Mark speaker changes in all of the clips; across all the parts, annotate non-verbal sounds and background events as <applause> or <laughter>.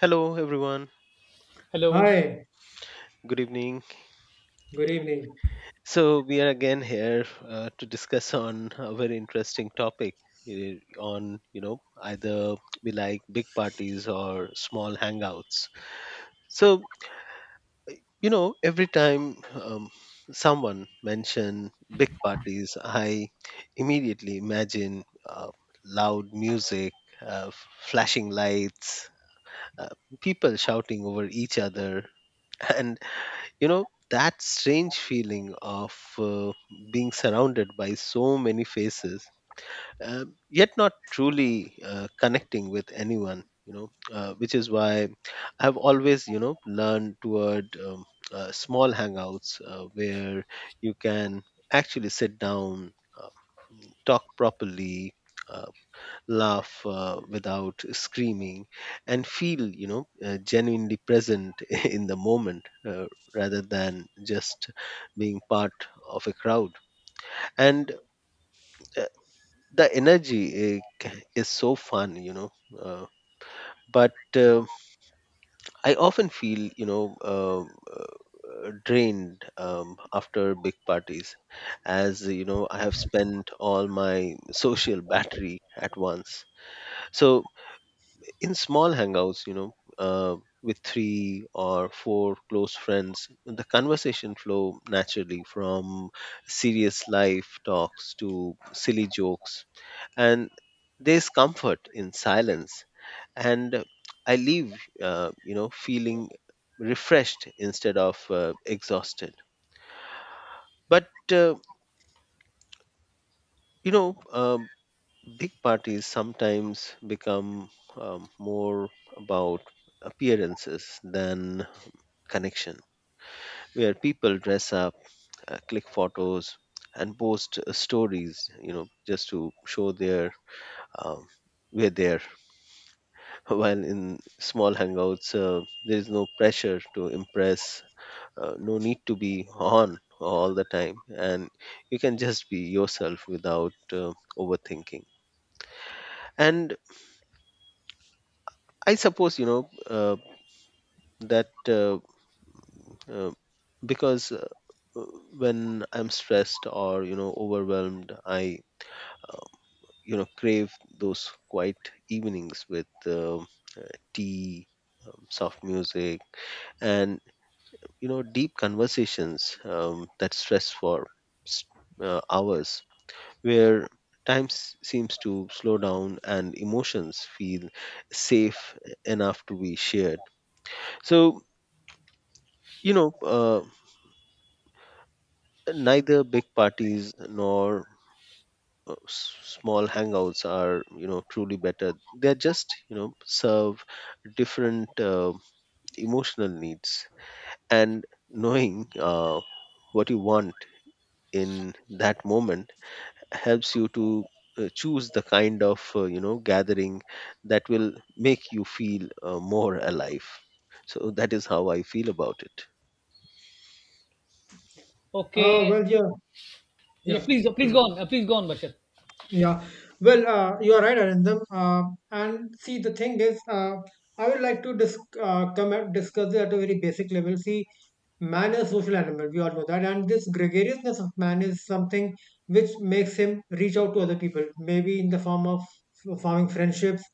Speaker 1: Hello, everyone.
Speaker 2: Hello.
Speaker 3: Hi,
Speaker 1: Good evening.
Speaker 3: good evening.
Speaker 1: So we are again here to discuss <laughs> on a very interesting topic, uh, on you know either we like big parties or small hangouts. So every time someone mention big parties, I immediately imagine uh, loud music, uh, flashing lights, uh, people shouting over each other, <laughs> and that strange feeling of being surrounded by so many faces, uh, yet not truly connecting with anyone, which is why I've always learned toward small hangouts where you can actually sit down, uh, talk properly, uh, laugh without screaming, and feel genuinely present <laughs> in the moment, rather than just being part of a crowd. And uh, the energy, uh, is so fun, uh, but I often feel uh, drained after big parties, as you know I have spent all my <laughs> social battery at once. So in small hangouts, with three or four close friends, the conversation flow naturally from serious life talks to silly jokes, and there's comfort in silence. And I leave, feeling refreshed instead of exhausted. But you know, um big parties sometimes become more about appearances than connection, where people dress up, click photos, and post stories, you know, just to show their, um, we're there. <laughs> While in small hangouts, there is no pressure to impress, no need to be on all the time, and you can just be yourself without overthinking. And I suppose you know that uh, because when I'm stressed or overwhelmed, I uh, crave those quiet evenings with tea, soft music, and deep conversations that stress for s- hours, where time seems to slow down and emotions feel safe enough to be shared. So you know uh, neither big parties nor small hangouts are truly better. They just serve different emotional needs, and knowing what you want in that moment helps you to choose the kind of gathering that will make you feel more alive. So that is how I feel about it.
Speaker 3: Oh,
Speaker 2: Okay.
Speaker 3: well, yeah,
Speaker 2: Yeah,
Speaker 3: yeah.
Speaker 2: please, please go on. Please go on, Bashar.
Speaker 3: Yeah, well, you're right, Arindam. And see, the thing is, I would like to discuss it at a very basic level. See, man is a social animal, we all know that. And this gregariousness of man is something which makes him reach out to other people, maybe in the form of forming friendships,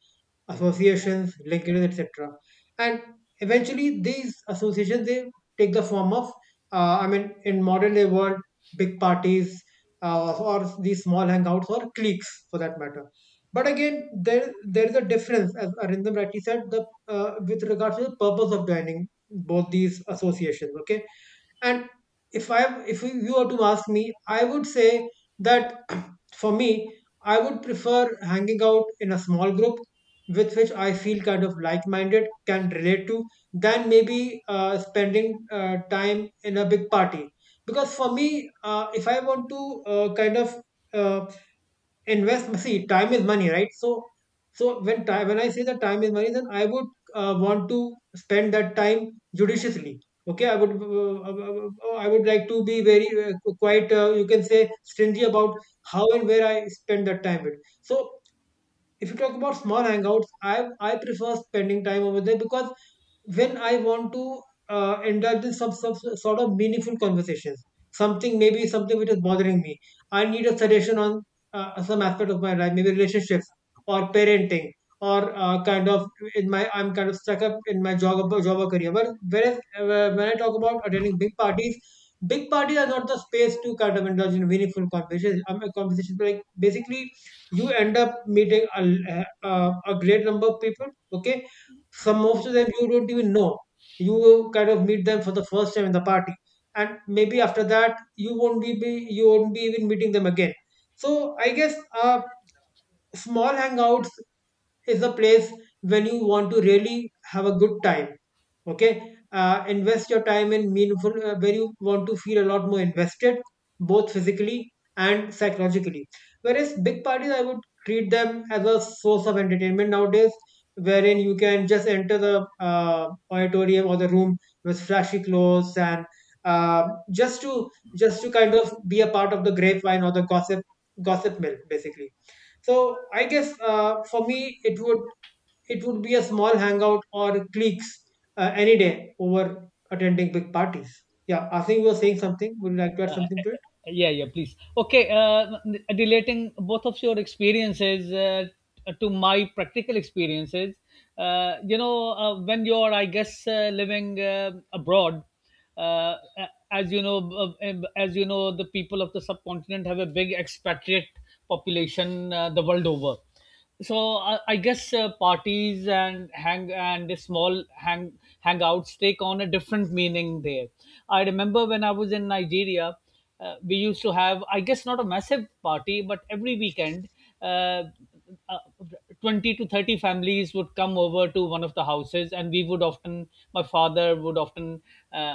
Speaker 3: associations, linkages, etc. And eventually, these associations they take the form of, I mean, in modern day world, big parties, or these small hangouts or cliques for that matter. But again, there is a difference, as Arindam rightly said, the with regards to the purpose of joining both these associations. Okay, and if you were to ask me, I would say that for me, I would prefer hanging out in a small group with which I feel kind of like minded, can relate to, than maybe spending time in a big party. Because for me, if I want to kind of uh, invest, see time is money, right? So when time when I say that time is money, then I would want to spend that time judiciously. Okay, I would like to be very quite you can say stingy about how and where I spend that time with. So if you talk about small hangouts, I prefer spending time over there because when I want to indulge in some sort of meaningful conversations. Something, maybe something which is bothering me. I need a suggestion on some aspect of my life, maybe relationships or parenting or kind of in my I'm kind of stuck up in my job or career. But whereas when I talk about attending big parties are not the space to kind of indulge in meaningful conversations. I conversations like Basically you end up meeting a great number of people. Okay, some of them you don't even know, you kind of meet them for the first time in the party, and maybe after that you won't be you won't be even meeting them again. So I guess uh, small hangouts is a place when you want to really have a good time. Okay, invest your time in meaningful, where you want to feel a lot more invested, both physically and psychologically. Whereas big parties, I would treat them as a source of entertainment nowadays, wherein you can just enter the auditorium or the room with flashy clothes and uh, just to just to kind of be a part of the grapevine or the gossip mill basically. So I guess for me it would, it would be a small hangout or cliques any day over attending big parties. Yeah, I think you were saying something. Would you like to add
Speaker 2: Uh, uh, uh,
Speaker 3: something to it?
Speaker 2: yeah, yeah, please. Okay. Relating both of your experiences to my practical experiences, when you're, I guess, living abroad, uh, a- as you know, as you know, the people of the subcontinent have a big expatriate population the world over. So I guess parties and hang and the small hang hangouts take on a different meaning there. I remember when I was in Nigeria. We used to have, I guess, not a massive party, but every weekend uh, uh, 20 to 30 families would come over to one of the houses, and we would often, my father would often, uh,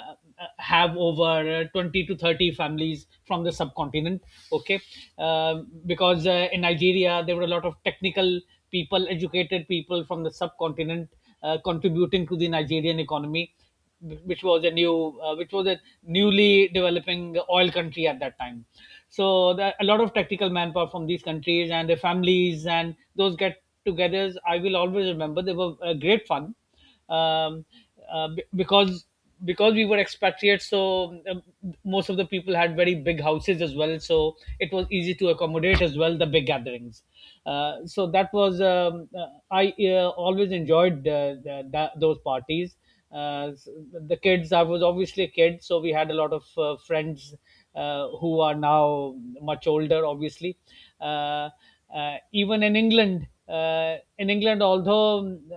Speaker 2: have over 20 to 30 families from the subcontinent. Okay. Um, because in Nigeria there were a lot of technical people, educated people from the subcontinent, contributing to the Nigerian economy, which was a newly developing oil country at that time. So there, a lot of technical manpower from these countries and their families, and those get togethers I will always remember, they were great fun. um, uh, be- because because we were expatriates, so, most of the people had very big houses as well. So it was easy to accommodate as well the big gatherings. So that was, I always enjoyed those parties. Uh, s- the kids, I was obviously a kid, so we had a lot of friends who are now much older, obviously. Uh, Even in England, although, um,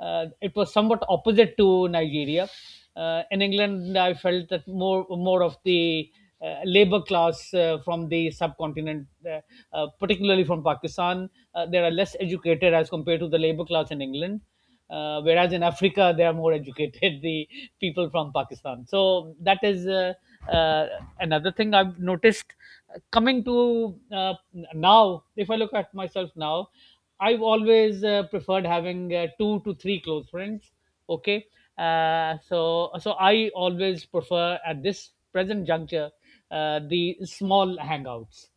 Speaker 2: uh, it was somewhat opposite to Nigeria. In England, I felt that more of the labor class from the subcontinent, particularly from Pakistan, they are less educated as compared to the labor class in England, whereas in Africa they are more educated, <laughs> the people from Pakistan. So that is uh, another thing I've noticed. Coming to now, if I look at myself now, I've always preferred having two to three close friends. Okay, so I always prefer at this present juncture the small hangouts.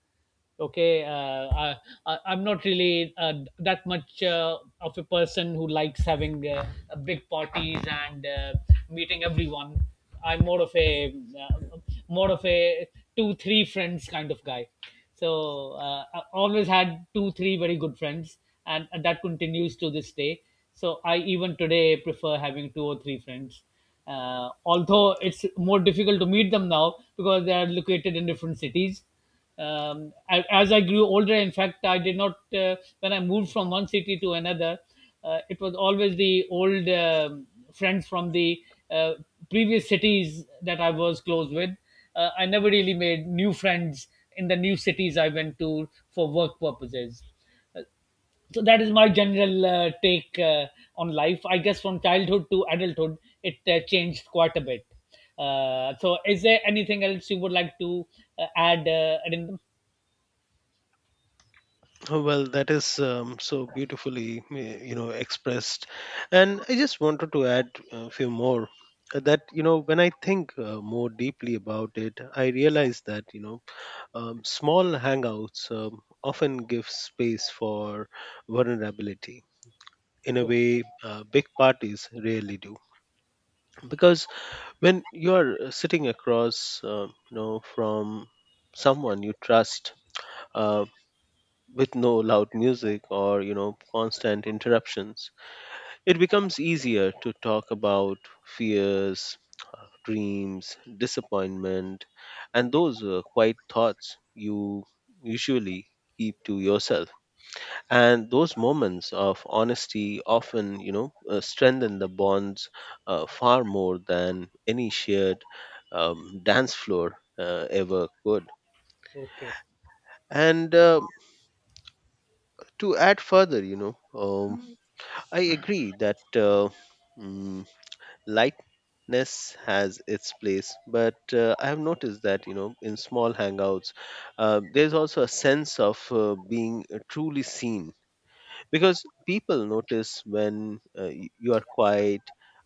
Speaker 2: Okay, I'm not really that much of a person who likes having big parties and meeting everyone. I'm more of a, uh, more of a 2-3 friends kind of guy. So I always had 2-3 very good friends, and that continues to this day. So I even today prefer having two or three friends, although it's more difficult to meet them now because they are located in different cities. Um, I, as I grew older, in fact, I did not, when I moved from one city to another, it was always the old, um, friends from the uh, previous cities that I was close with. I never really made new friends in the new cities I went to for work purposes. So that is my general take on life. I guess from childhood to adulthood, it changed quite a bit. So, is there anything else you would like to add, Arindam?
Speaker 1: Oh, well, that is so beautifully, expressed. And I just wanted to add a few more, that, you know, when I think more deeply about it, I realize that, small hangouts often give space for vulnerability in a way big parties rarely do. Because when you are sitting across, from someone you trust, uh, with no loud music or constant interruptions, it becomes easier to talk about fears, dreams, disappointment, and those quiet thoughts you usually keep to yourself. And those moments of honesty often strengthen the bonds far more than any shared dance floor ever could.
Speaker 2: Okay.
Speaker 1: And to add further,
Speaker 3: Mm.
Speaker 1: I agree that mm, lightness has its place, but I have noticed that in small hangouts there's also a sense of being truly seen, because people notice when you are quiet,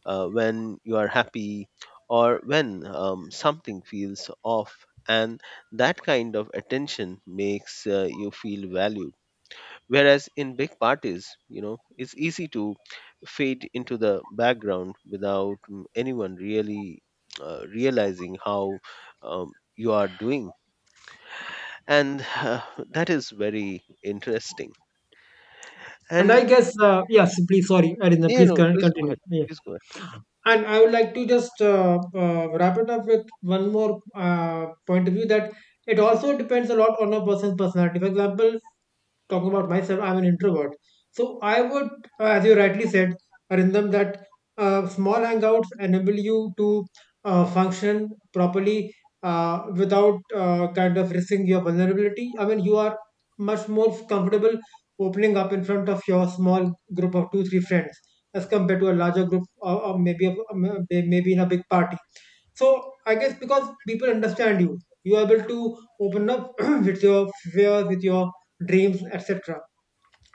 Speaker 1: when you are happy, or when something feels off. And that kind of attention makes you feel valued. Whereas in big parties, you know, it's easy to fade into the background without anyone really realizing how you are doing. And <laughs> <sighs> that is very interesting.
Speaker 3: And
Speaker 1: And,
Speaker 3: I guess, yes, please. Sorry, Arina,
Speaker 1: you
Speaker 3: please
Speaker 1: know, please go
Speaker 3: continue.
Speaker 1: ahead.
Speaker 3: Yeah.
Speaker 1: Please go ahead.
Speaker 3: And I would like to just wrap it up with one more point of view that it also depends a lot on a person's personality. For example, talking about myself, I'm an introvert. So I would, as you rightly said, Arindam, that small hangouts enable you to function properly without kind of risking your vulnerability. I mean, you are much more comfortable opening up in front of your small group of two, three friends as compared to a larger group, or maybe a, maybe in a big party. So I guess because people understand you, you are able to open up <clears throat> with your fears, with your dreams, etc.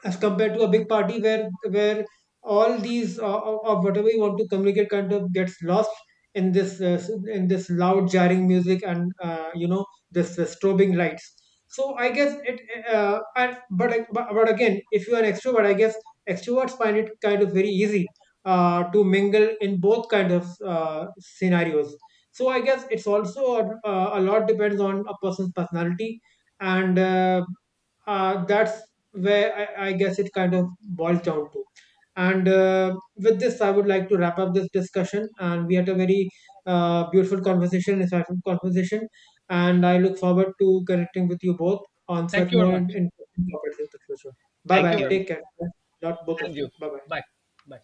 Speaker 3: as compared to a big party where all these of whatever you want to communicate kind of gets lost in this uh, in this loud jarring music and this strobing lights. So I guess it, but again if you are an extrovert, I guess extroverts find it kind of very easy to mingle in both kind of scenarios. So I guess it's also a lot depends on a person's personality and that's where I guess it kind of boils down to. And with this, I would like to wrap up this discussion. And we had a very beautiful conversation, insightful conversation. And I look forward to connecting with you both on
Speaker 2: Thank
Speaker 3: such
Speaker 2: you very
Speaker 3: more
Speaker 2: much.
Speaker 3: interesting topics in the future. Bye
Speaker 2: Thank
Speaker 1: Thank
Speaker 2: you
Speaker 3: bye.
Speaker 2: very
Speaker 1: you.
Speaker 2: much.
Speaker 3: Take care. Not both of
Speaker 2: And
Speaker 3: you.
Speaker 2: you.
Speaker 3: Bye bye.
Speaker 2: Bye. Bye.